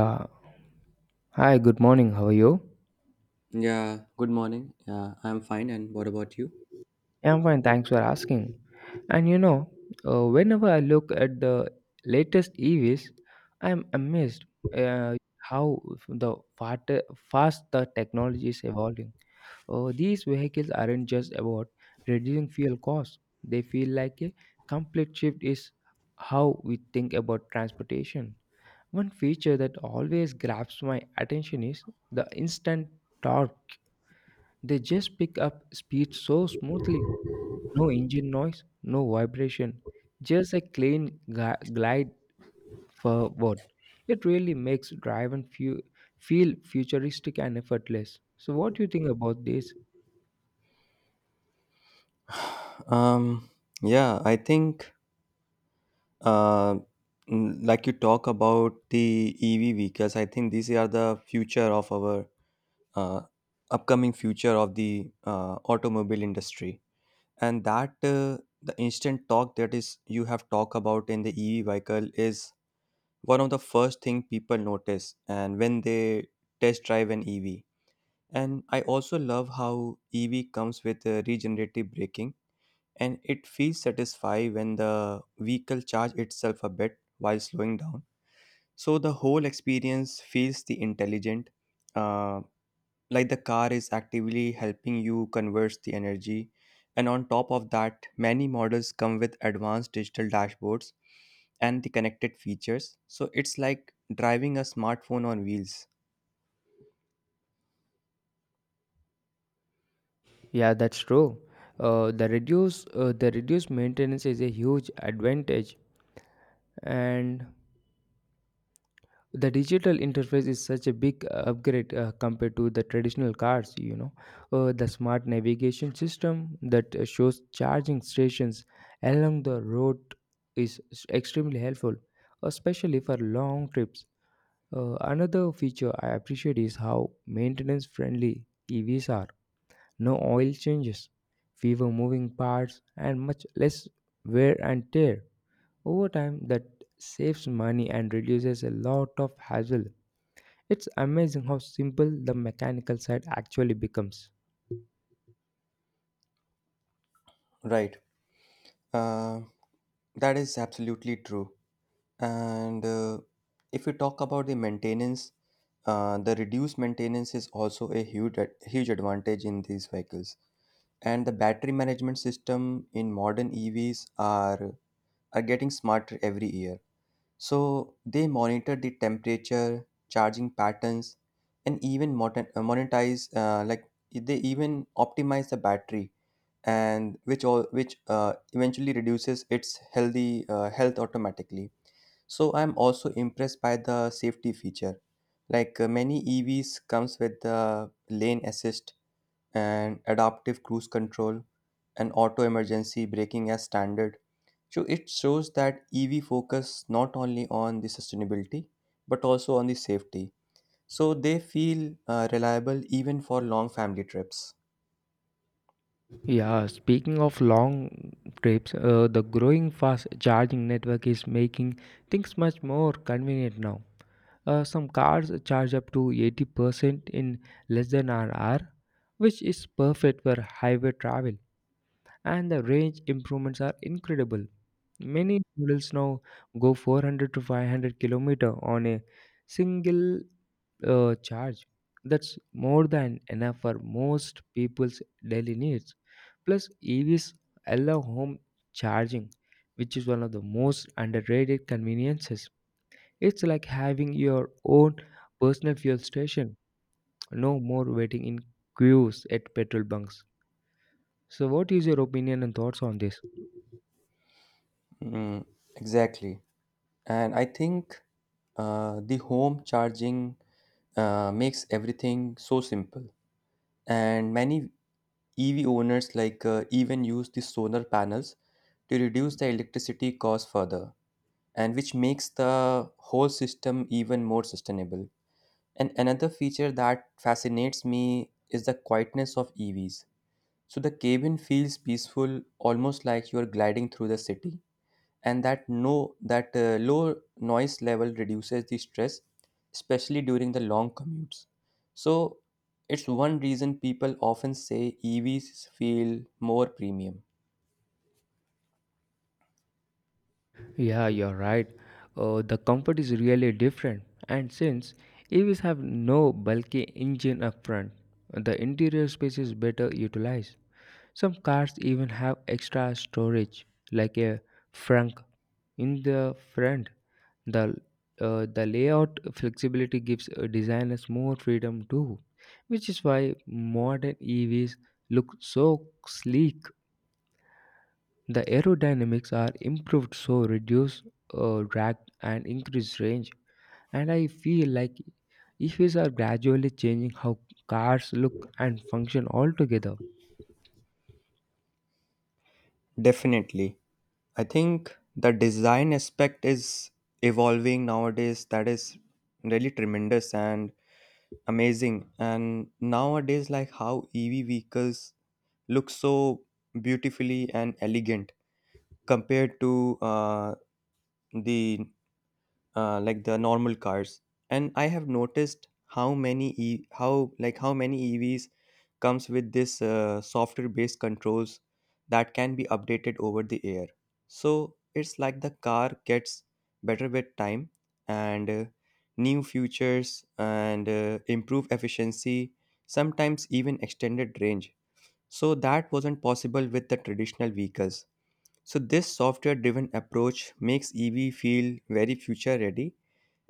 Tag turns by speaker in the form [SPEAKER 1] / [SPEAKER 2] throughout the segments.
[SPEAKER 1] Uh, Hi, good morning. How are you?
[SPEAKER 2] Yeah, good morning. Yeah, I'm fine. And what about you?
[SPEAKER 1] Yeah, I'm fine, thanks for asking. And you know, whenever I look at the latest EVs, I'm amazed how the fast the technology is evolving. These vehicles aren't just about reducing fuel costs; they feel like a complete shift is how we think about transportation. One feature that always grabs my attention is the instant torque. They just pick up speed so smoothly. No engine noise, no vibration, just a clean glide forward. It really makes driving feel futuristic and effortless. So, what do you think about this?
[SPEAKER 2] Um, yeah, I think uh, like you talk about the EV vehicles, I think these are the future of our uh, upcoming future of the automobile industry, and that the instant talk that is you have talked about in the EV vehicle is one of the first thing people notice, and when they test drive an EV. And I also love how EV comes with regenerative braking, and it feels satisfying when the vehicle charges itself a bit while slowing down. So the whole experience feels the intelligent, uh, like the car is actively helping you converse the energy. And on top of that, many models come with advanced digital dashboards and the connected features. So it's like driving a smartphone on wheels.
[SPEAKER 1] Yeah, that's true. Uh, the reduced maintenance is a huge advantage, and the digital interface is such a big upgrade compared to the traditional cars. You know, the smart navigation system that shows charging stations along the road is extremely helpful, especially for long trips. Another feature I appreciate is how maintenance friendly EVs are. No oil changes, fewer moving parts and much less wear and tear over time. That saves money and reduces a lot of hassle. It's amazing how simple the mechanical side actually becomes.
[SPEAKER 2] Right. Uh, that is absolutely true. And if we talk about the maintenance, the reduced maintenance is also a huge advantage in these vehicles. And the battery management system in modern EVs are getting smarter every year. So they monitor the temperature, charging patterns, and even monetize like they even optimize the battery, and which all which eventually reduces its health automatically. So I'm also impressed by the safety feature. Like many EVs comes with the lane assist and adaptive cruise control and auto emergency braking as standard. So it shows that EV focus not only on the sustainability but also on the safety. So they feel reliable even for long family trips.
[SPEAKER 1] Yeah, speaking of long trips, the growing fast charging network is making things much more convenient now. Some cars charge up to 80% in less than an hour, which is perfect for highway travel, and the range improvements are incredible. Many models now go 400 to 500 kilometer on a single charge. That's more than enough for most people's daily needs. Plus, EVs allow home charging, which is one of the most underrated conveniences. It's like having your own personal fuel station. No more waiting in queues at petrol bunks. So, what is your opinion and thoughts on this?
[SPEAKER 2] Mm, exactly. And I think the home charging makes everything so simple. And many EV owners like even use the solar panels to reduce the electricity cost further, and which makes the whole system even more sustainable. And another feature that fascinates me is the quietness of EVs. So the cabin feels peaceful, almost like you are gliding through the city, and that no that low noise level reduces the stress, especially during the long commutes. So it's one reason people often say EVs feel more premium.
[SPEAKER 1] Yeah, you're right. The comfort is really different. And since EVs have no bulky engine up front, the interior space is better utilized. Some cars even have extra storage, like a trunk in the front. The the layout flexibility gives designers more freedom too, which is why modern EVs look so sleek. The aerodynamics are improved so reduce drag and increase range. And I feel like EVs are gradually changing how cars look and function altogether.
[SPEAKER 2] Definitely. I think the design aspect is evolving nowadays. That is really tremendous and amazing. And nowadays, like, how EV vehicles look so beautifully and elegant compared to uh, the like the normal cars. And I have noticed how many e- how like how many EVs comes with this software based controls that can be updated over the air. So it's like the car gets better with time and new features and improve efficiency, sometimes even extended range. So that wasn't possible with the traditional vehicles. So this software driven approach makes EV feel very future ready,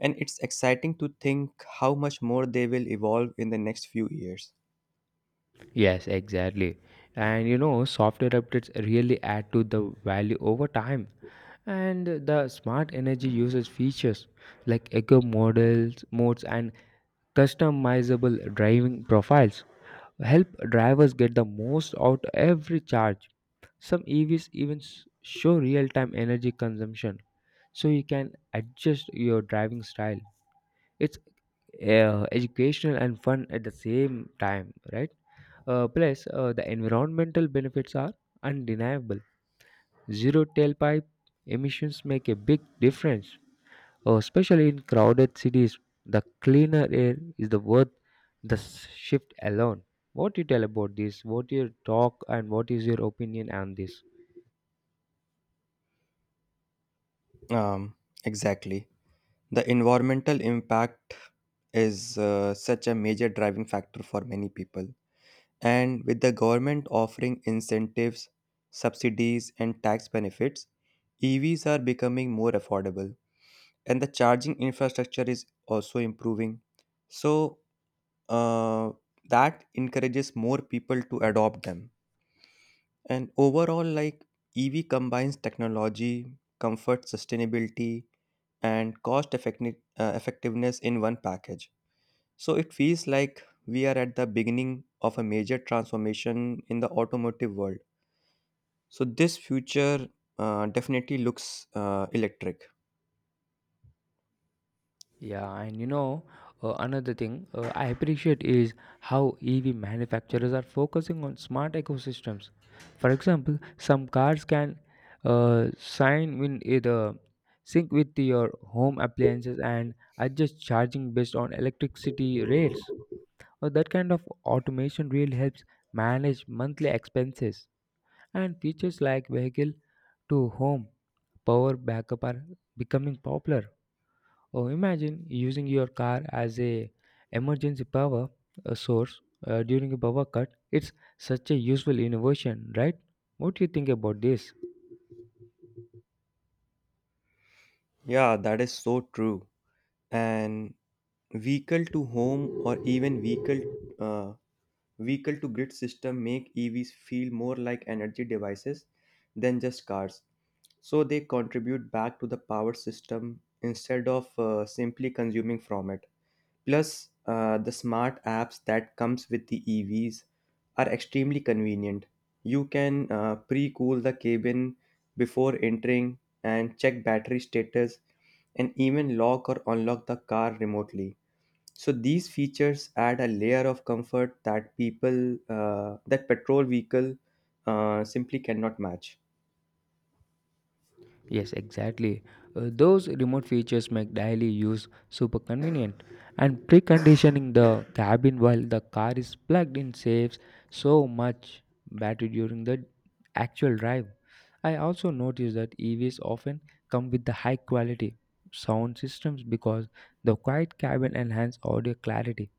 [SPEAKER 2] and it's exciting to think how much more they will evolve in the next few years.
[SPEAKER 1] Yes, exactly. And you know, software updates really add to the value over time. And the smart energy uses features like eco models, modes, and customizable driving profiles help drivers get the most out every charge. Some EVs even show real time energy consumption, so you can adjust your driving style. It's educational and fun at the same time, right? Plus, the environmental benefits are undeniable. Zero tailpipe emissions make a big difference, especially in crowded cities. The cleaner air is the worth the shift alone. What do you tell about this? What your talk and what is your opinion on this?
[SPEAKER 2] Um, exactly. The environmental impact is such a major driving factor for many people. And with the government offering incentives, subsidies, and tax benefits, EVs are becoming more affordable. And the charging infrastructure is also improving. So uh, that encourages more people to adopt them. And overall, like, EV combines technology, comfort, sustainability, and effectiveness in one package. So it feels like we are at the beginning of a major transformation in the automotive world. So this future definitely looks electric.
[SPEAKER 1] Yeah, and you know, another thing I appreciate is how EV manufacturers are focusing on smart ecosystems. For example, some cars can sign in either sync with your home appliances and adjust charging based on electricity rates. That kind of automation really helps manage monthly expenses. And features like vehicle to home power backup are becoming popular. Oh, imagine using your car as a emergency power source during a power cut. It's such a useful innovation, right? What do you think about this?
[SPEAKER 2] Yeah, that is so true. And vehicle to home or even uh, vehicle to grid system make EVs feel more like energy devices than just cars. So they contribute back to the power system instead of simply consuming from it. Plus, the smart apps that comes with the EVs are extremely convenient. You can pre-cool the cabin before entering and check battery status and even lock or unlock the car remotely. So these features add a layer of comfort that people that petrol vehicle simply cannot match.
[SPEAKER 1] Yes, exactly. Those remote features make daily use super convenient, and preconditioning the cabin while the car is plugged in saves so much battery during the actual drive. I also noticed that EVs often come with the high quality sound systems because the quiet cabin enhances audio clarity.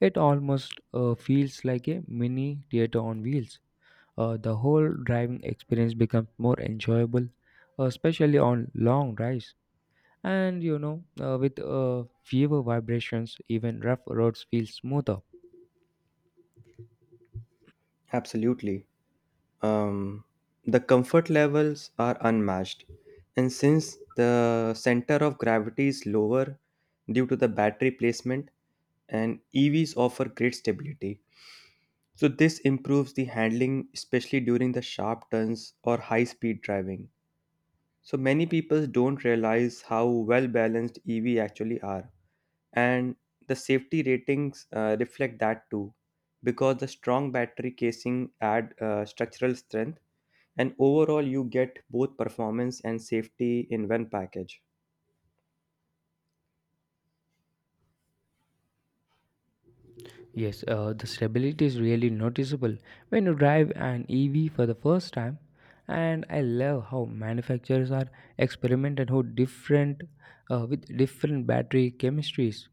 [SPEAKER 1] It almost feels like a mini theater on wheels. The whole driving experience becomes more enjoyable, especially on long drives. And you know, with fewer vibrations, even rough roads feel smoother.
[SPEAKER 2] Absolutely. um, the comfort levels are unmatched. And since the center of gravity is lower due to the battery placement, and EVs offer great stability. So this improves the handling, especially during the sharp turns or high speed driving. So many people don't realize how well balanced EV actually are, and the safety ratings reflect that too, because the strong battery casing add structural strength. And overall you get both performance and safety in one package.
[SPEAKER 1] Yes, the stability is really noticeable when you drive an EV for the first time. And I love how manufacturers are experimenting how different with different battery chemistries.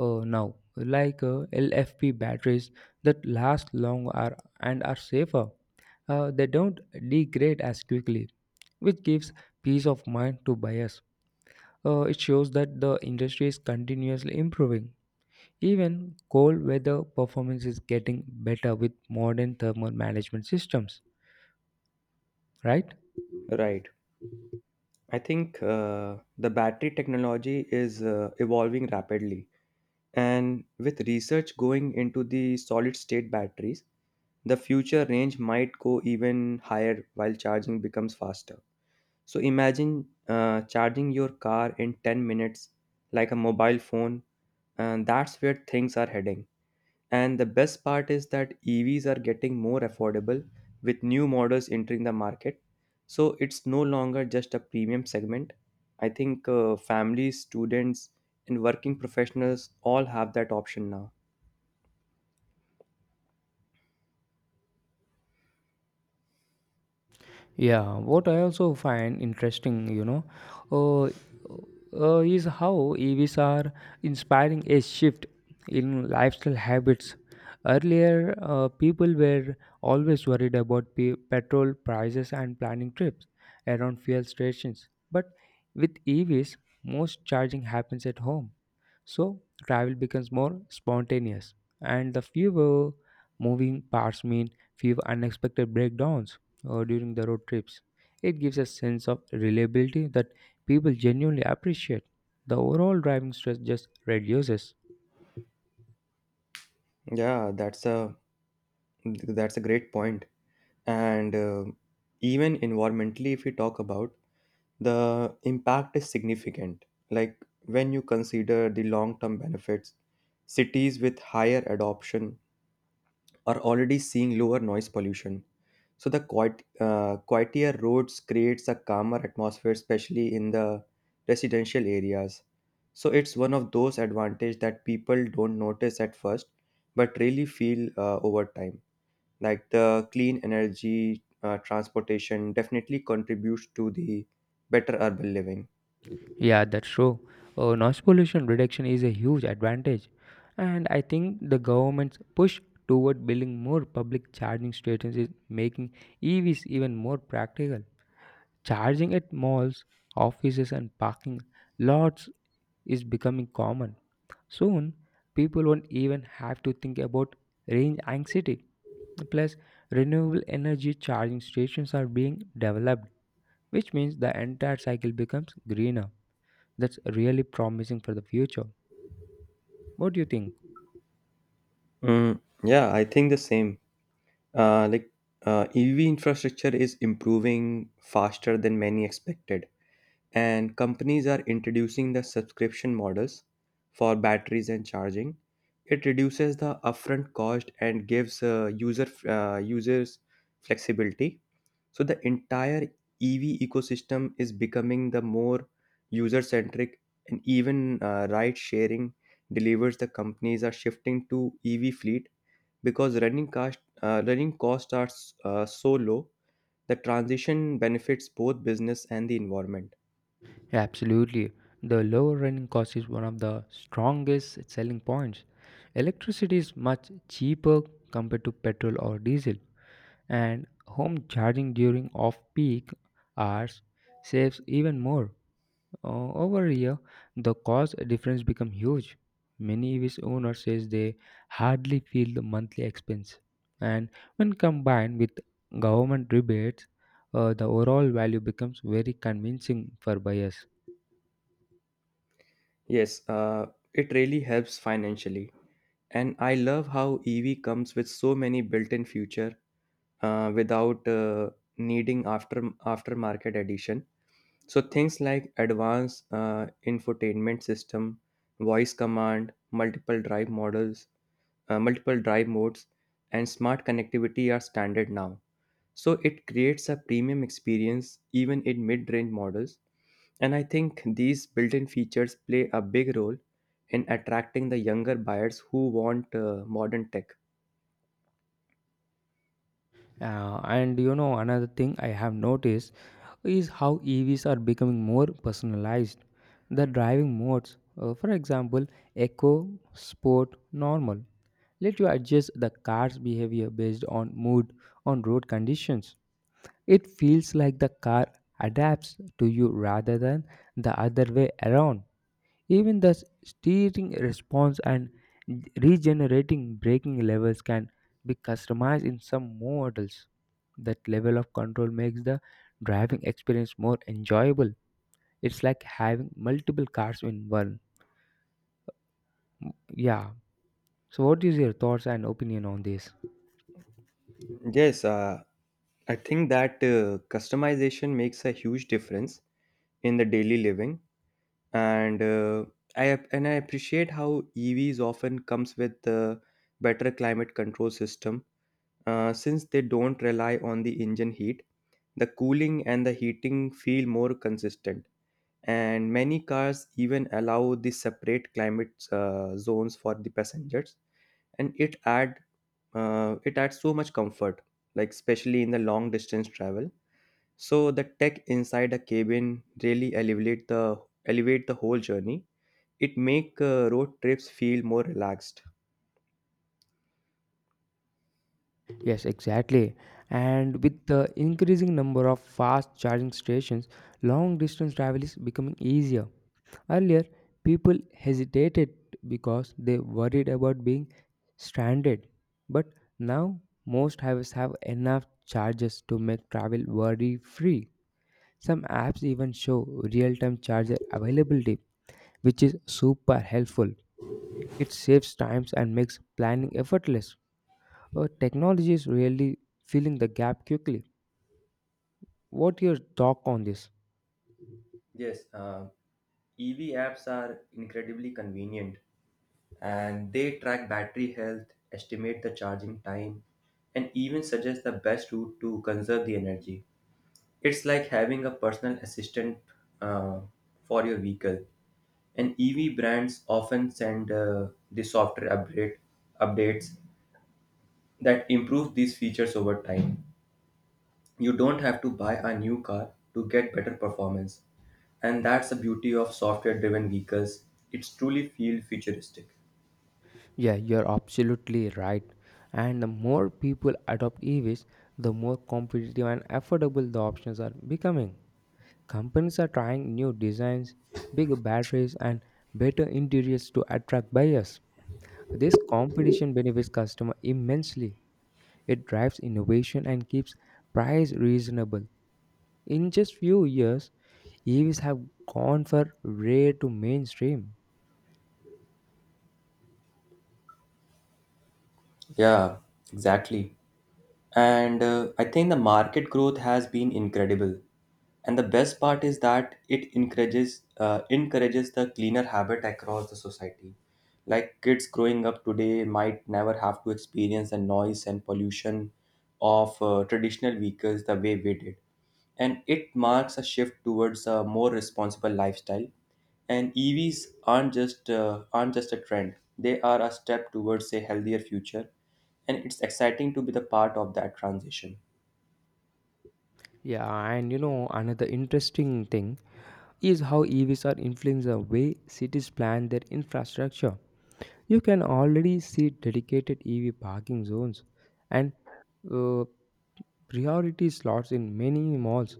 [SPEAKER 1] Now, like LFP batteries that last long are, and are safer. They don't degrade as quickly, which gives peace of mind to buyers. It shows that the industry is continuously improving. Even cold weather performance is getting better with modern thermal management systems, right?
[SPEAKER 2] Right. I think the battery technology is evolving rapidly, and with research going into the solid state batteries, the future range might go even higher while charging becomes faster. So imagine charging your car in 10 minutes like a mobile phone, and that's where things are heading. And the best part is that EVs are getting more affordable with new models entering the market. So it's no longer just a premium segment. I think families, students, and working professionals all have that option now.
[SPEAKER 1] Yeah, what I also find interesting, you know, uh, is how EVs are inspiring a shift in lifestyle habits. Earlier, people were always worried about petrol prices and planning trips around fuel stations. But with EVs, most charging happens at home, so travel becomes more spontaneous, and the fewer moving parts mean fewer unexpected breakdowns during the road trips. It gives a sense of reliability that people genuinely appreciate. The overall driving stress just reduces.
[SPEAKER 2] Yeah, that's a great point. And even environmentally, if we talk about, the impact is significant. Like, when you consider the long term benefits, cities with higher adoption are already seeing lower noise pollution. So the quieter roads creates a calmer atmosphere, especially in the residential areas. So it's one of those advantages that people don't notice at first, but really feel over time. Like the clean energy transportation definitely contributes to the better urban living.
[SPEAKER 1] Yeah, that's true. Noise pollution reduction is a huge advantage, and I think the government's push toward building more public charging stations is making EVs even more practical. Charging at malls, offices, and parking lots is becoming common. Soon, people won't even have to think about range anxiety. Plus, renewable energy charging stations are being developed, which means the entire cycle becomes greener. That's really promising for the future. What do you think?
[SPEAKER 2] Mm, yeah, I think the same. Uh, like EV infrastructure is improving faster than many expected, and companies are introducing the subscription models for batteries and charging. It reduces the upfront cost and gives users flexibility. So the entire EV ecosystem is becoming the more user centric, and even ride sharing delivers the companies are shifting to EV fleet because running costs are so low. The transition benefits both business and the environment.
[SPEAKER 1] Absolutely. The lower running cost is one of the strongest selling points. Electricity is much cheaper compared to petrol or diesel, and home charging during off-peak hours saves even more. Over here, the cost difference becomes huge. Many EVs owners says they hardly feel the monthly expense, and when combined with government rebates, the overall value becomes very convincing for buyers.
[SPEAKER 2] Yes, it really helps financially. And I love how EV comes with so many built-in feature without needing aftermarket addition. So things like advanced infotainment system, voice command, multiple drive modes, and smart connectivity are standard now. So it creates a premium experience even in mid range models. And I think these built in features play a big role in attracting the younger buyers who want modern tech.
[SPEAKER 1] And you know, another thing I have noticed is how EVs are becoming more personalized. The driving modes, for example, Eco, Sport, Normal, let you adjust the car's behavior based on mood, on road conditions. It feels like the car adapts to you rather than the other way around. Even the steering response and regenerating braking levels can be customized in some models. That level of control makes the driving experience more enjoyable. It's like having multiple cars in one. Yeah. So, what is your thoughts and opinion on this?
[SPEAKER 2] Yes, I think that customization makes a huge difference in the daily living, and I appreciate how EVs often comes with the better climate control system. Since they don't rely on the engine heat, the cooling and the heating feel more consistent. And many cars even allow the separate climate zones for the passengers, and it adds so much comfort, like especially in the long distance travel. So the tech inside a cabin really elevate the whole journey. It make road trips feel more relaxed.
[SPEAKER 1] Yes, exactly. And with the increasing number of fast charging stations, long distance travel is becoming easier. Earlier, people hesitated because they worried about being stranded, but now most apps have enough charges to make travel worry free. Some apps even show real time charger availability, which is super helpful. It saves times and makes planning effortless. Technology is really filling the gap quickly. What your talk on this?
[SPEAKER 2] Yes, EV apps are incredibly convenient, and they track battery health, estimate the charging time, and even suggest the best route to conserve the energy. It's like having a personal assistant uh, for your vehicle. And EV brands often send the software update updates that improve these features over time. You don't have to buy a new car to get better performance. And that's the beauty of software driven vehicles. It's truly feel futuristic.
[SPEAKER 1] Yeah, you're absolutely right. And the more people adopt EVs, the more competitive and affordable the options are becoming. Companies are trying new designs, bigger batteries, and better interiors to attract buyers. This competition benefits customers immensely. It drives innovation and keeps price reasonable. In just few years, EVs have gone from rare to mainstream.
[SPEAKER 2] Yeah, exactly. And I think the market growth has been incredible. And the best part is that it encourages the cleaner habit across the society. Like, kids growing up today might never have to experience the noise and pollution of traditional vehicles the way we did. And it marks a shift towards a more responsible lifestyle. And EVs aren't just a trend; they are a step towards a healthier future, and it's exciting to be the part of that transition.
[SPEAKER 1] Yeah, and you know, another interesting thing is how EVs are influencing the way cities plan their infrastructure. You can already see dedicated EV parking zones and uh, priority slots in many malls.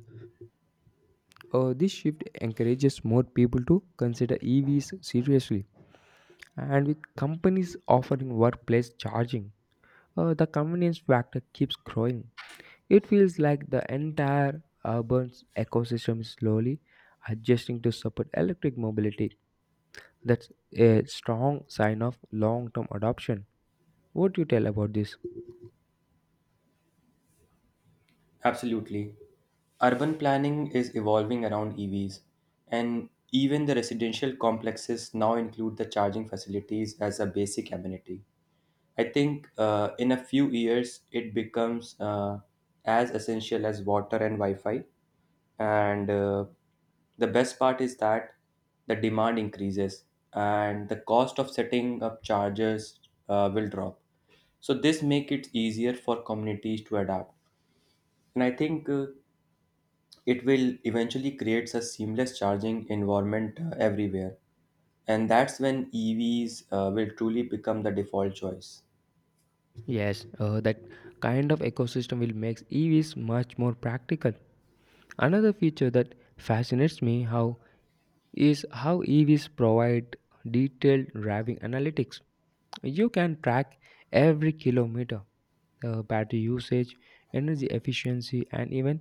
[SPEAKER 1] This shift encourages more people to consider EVs seriously, and with companies offering workplace charging, the convenience factor keeps growing. It feels like the entire urban ecosystem is slowly adjusting to support electric mobility. That's a strong sign of long term adoption. What do you tell about this?
[SPEAKER 2] Absolutely. Urban planning is evolving around EVs, and even the residential complexes now include the charging facilities as a basic amenity. I think in a few years it becomes as essential as water and Wi-Fi. And the best part is that the demand increases and the cost of setting up chargers will drop. So this make it easier for communities to adapt. And I think it will eventually creates a seamless charging environment everywhere. And that's when EVs will truly become the default choice.
[SPEAKER 1] Yes, that kind of ecosystem will make EVs much more practical. Another feature that fascinates me how is how EVs provide detailed driving analytics. You can track every kilometer, battery usage, energy efficiency, and even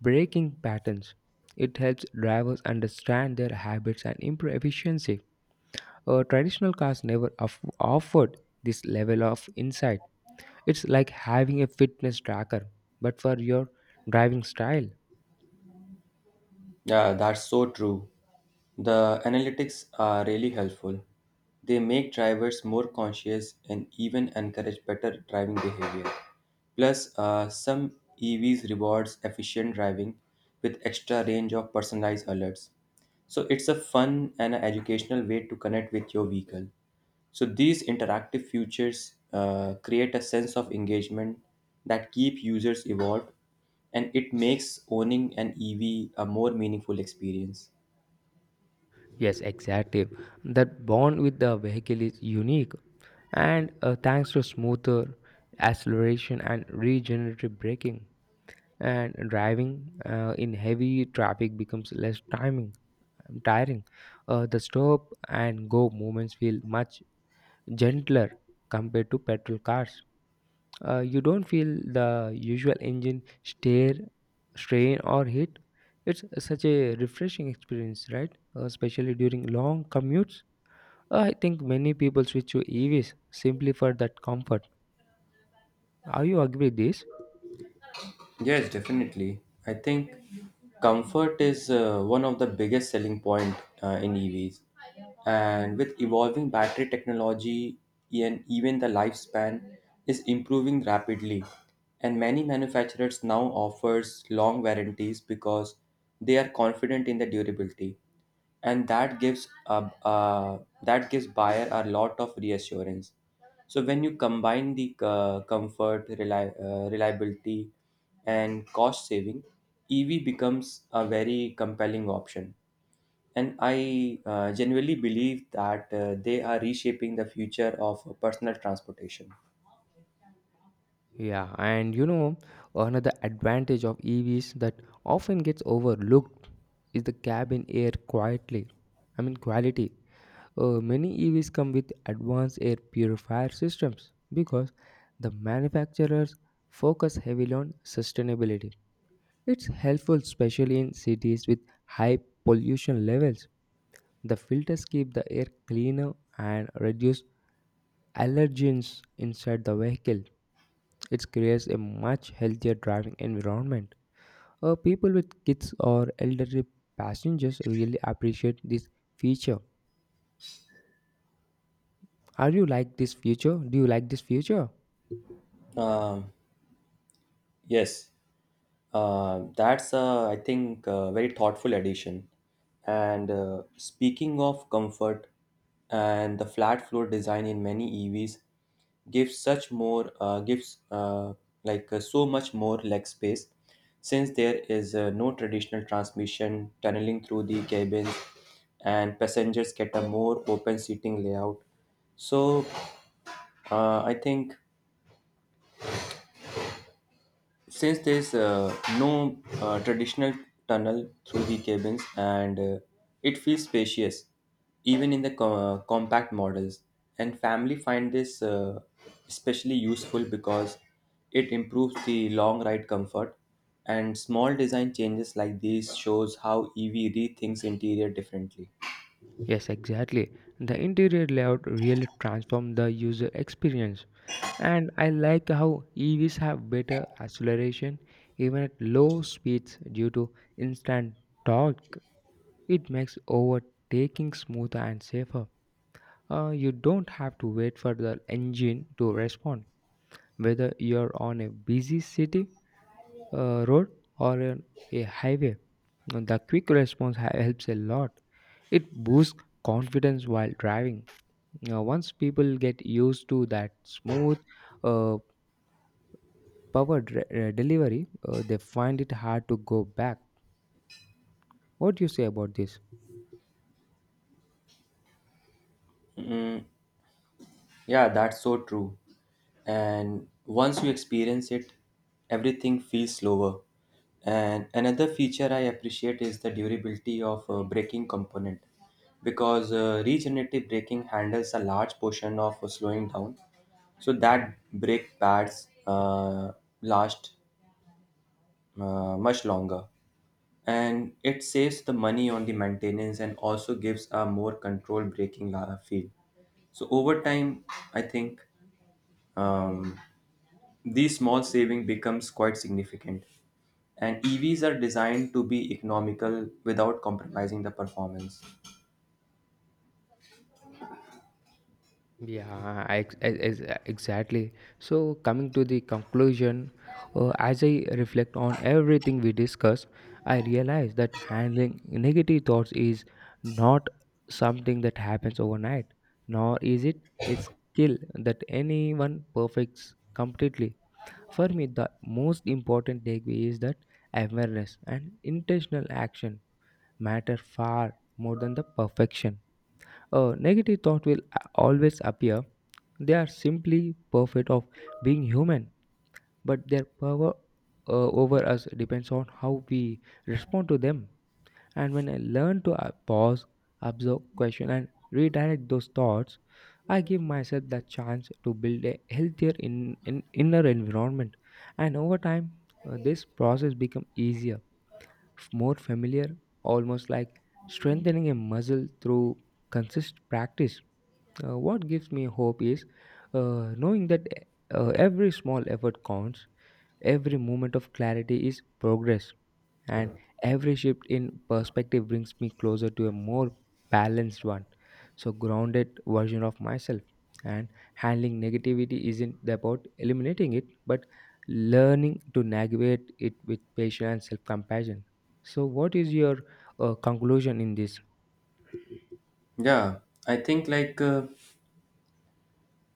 [SPEAKER 1] breaking patterns. It helps drivers understand their habits and improve efficiency. Traditional cars never offered this level of insight. It's like having a fitness tracker, but for your driving style.
[SPEAKER 2] Yeah, that's so true. The analytics are really helpful. They make drivers more conscious and even encourage better driving behavior. Plus, some EVs rewards efficient driving with extra range of personalized alerts. So it's a fun and an educational way to connect with your vehicle. So these interactive features create a sense of engagement that keep users evolved, and it makes owning an EV a more meaningful experience.
[SPEAKER 1] Yes, exactly. That bond with the vehicle is unique, and thanks to smoother acceleration and regenerative braking, and driving in heavy traffic becomes less timing tiring. The stop and go moments feel much gentler compared to petrol cars. You don't feel the usual engine strain, or heat. It's such a refreshing experience, right? Especially during long commutes. I think many people switch to EVs simply for that comfort. Are you agree with this?
[SPEAKER 2] Yes, definitely. I think comfort is one of the biggest selling point in EVs, and with evolving battery technology and even the lifespan is improving rapidly, and many manufacturers now offers long warranties because they are confident in the durability. And that gives buyer a lot of reassurance. So when you combine the reliability and cost saving, EV becomes a very compelling option, and I genuinely believe that they are reshaping the future of personal transportation.
[SPEAKER 1] Yeah, and you know, another advantage of EVs that often gets overlooked is the cabin air quietly. I mean, quality. Many EVs come with advanced air purifier systems because the manufacturers focus heavily on sustainability. It's helpful, especially in cities with high pollution levels. The filters keep the air cleaner and reduce allergens inside the vehicle. It creates a much healthier driving environment. People with kids or elderly passengers really appreciate this feature. Are you like this feature? Do you like this feature?
[SPEAKER 2] Um yes. I think, a very thoughtful addition. And speaking of comfort, and the flat floor design in many EVs gives such more gives like so much more leg space, since there is no traditional transmission tunneling through the cabins, and passengers get a more open seating layout. So I think, since there's no traditional tunnel through the cabins, and it feels spacious even in the compact models, and family find this especially useful because it improves the long ride comfort. And small design changes like these shows how EV rethinks interior differently.
[SPEAKER 1] Yes, exactly. The interior layout really transforms the user experience. And I like how EVs have better acceleration even at low speeds due to instant torque. It makes overtaking smoother and safer. You don't have to wait for the engine to respond, whether you're on a busy city road or on a highway. The quick response helps a lot. It boosts confidence while driving. Now, once people get used to that smooth, uh, powered delivery, they find it hard to go back. What do you say about this?
[SPEAKER 2] Yeah, that's so true. And once you experience it, everything feels slower. And another feature I appreciate is the durability of braking component, because regenerative braking handles a large portion of slowing down, so that brake pads last much longer. And it saves the money on the maintenance and also gives a more controlled feel. So over time, I think, um, these small saving becomes quite significant, and EVs are designed to be economical without compromising the performance.
[SPEAKER 1] Yeah, I, ex- ex- ex- exactly. So, coming to the conclusion, as I reflect on everything we discussed, I realize that handling negative thoughts is not something that happens overnight, nor is it a skill that anyone perfects completely. For me, the most important takeaway is that awareness and intentional action matter far more than the perfection. A negative thought will always appear. They are simply perfect of being human, but their power over us depends on how we respond to them. And when I learn to pause, observe, question, and redirect those thoughts, I give myself the chance to build a healthier in inner environment. And over time, this process becomes easier, more familiar, almost like strengthening a muscle through consistent practice. What gives me hope is knowing that every small effort counts, every moment of clarity is progress, and every shift in perspective brings me closer to a more balanced one. So, grounded version of myself. And handling negativity isn't about eliminating it, but learning to navigate it with patience and self compassion. So, what is your conclusion in this?
[SPEAKER 2] Yeah, I think like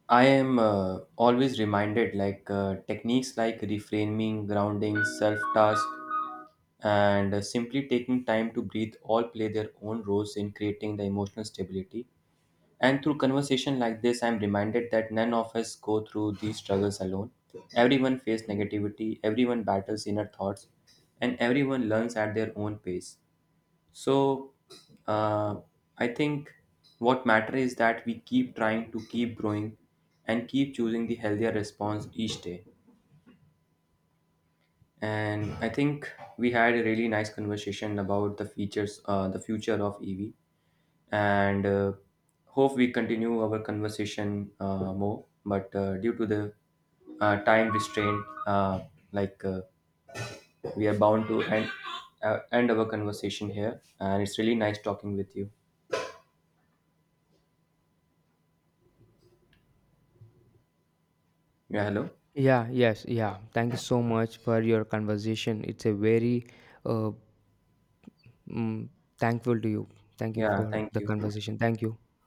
[SPEAKER 2] I am always reminded like techniques like reframing, grounding, self task, and simply taking time to breathe all play their own roles in creating the emotional stability. And through conversation like this, I'm reminded that none of us go through these struggles alone. Everyone faces negativity, everyone battles inner thoughts, and everyone learns at their own pace. So, uh, I think what matters is that we keep trying to keep growing and keep choosing the healthier response each day. And I think we had a really nice conversation about the features, the future of EV. And hope we continue our conversation more. But due to the time restraint, like uh, we are bound to end our conversation here. And it's really nice talking with you. Yeah, hello.
[SPEAKER 1] Yeah, yes, yeah. Thank you so much for your conversation. It's a very uh, mm, thankful to you. Thank you
[SPEAKER 2] Yeah,
[SPEAKER 1] for
[SPEAKER 2] thank
[SPEAKER 1] the
[SPEAKER 2] you.
[SPEAKER 1] conversation. Thank you.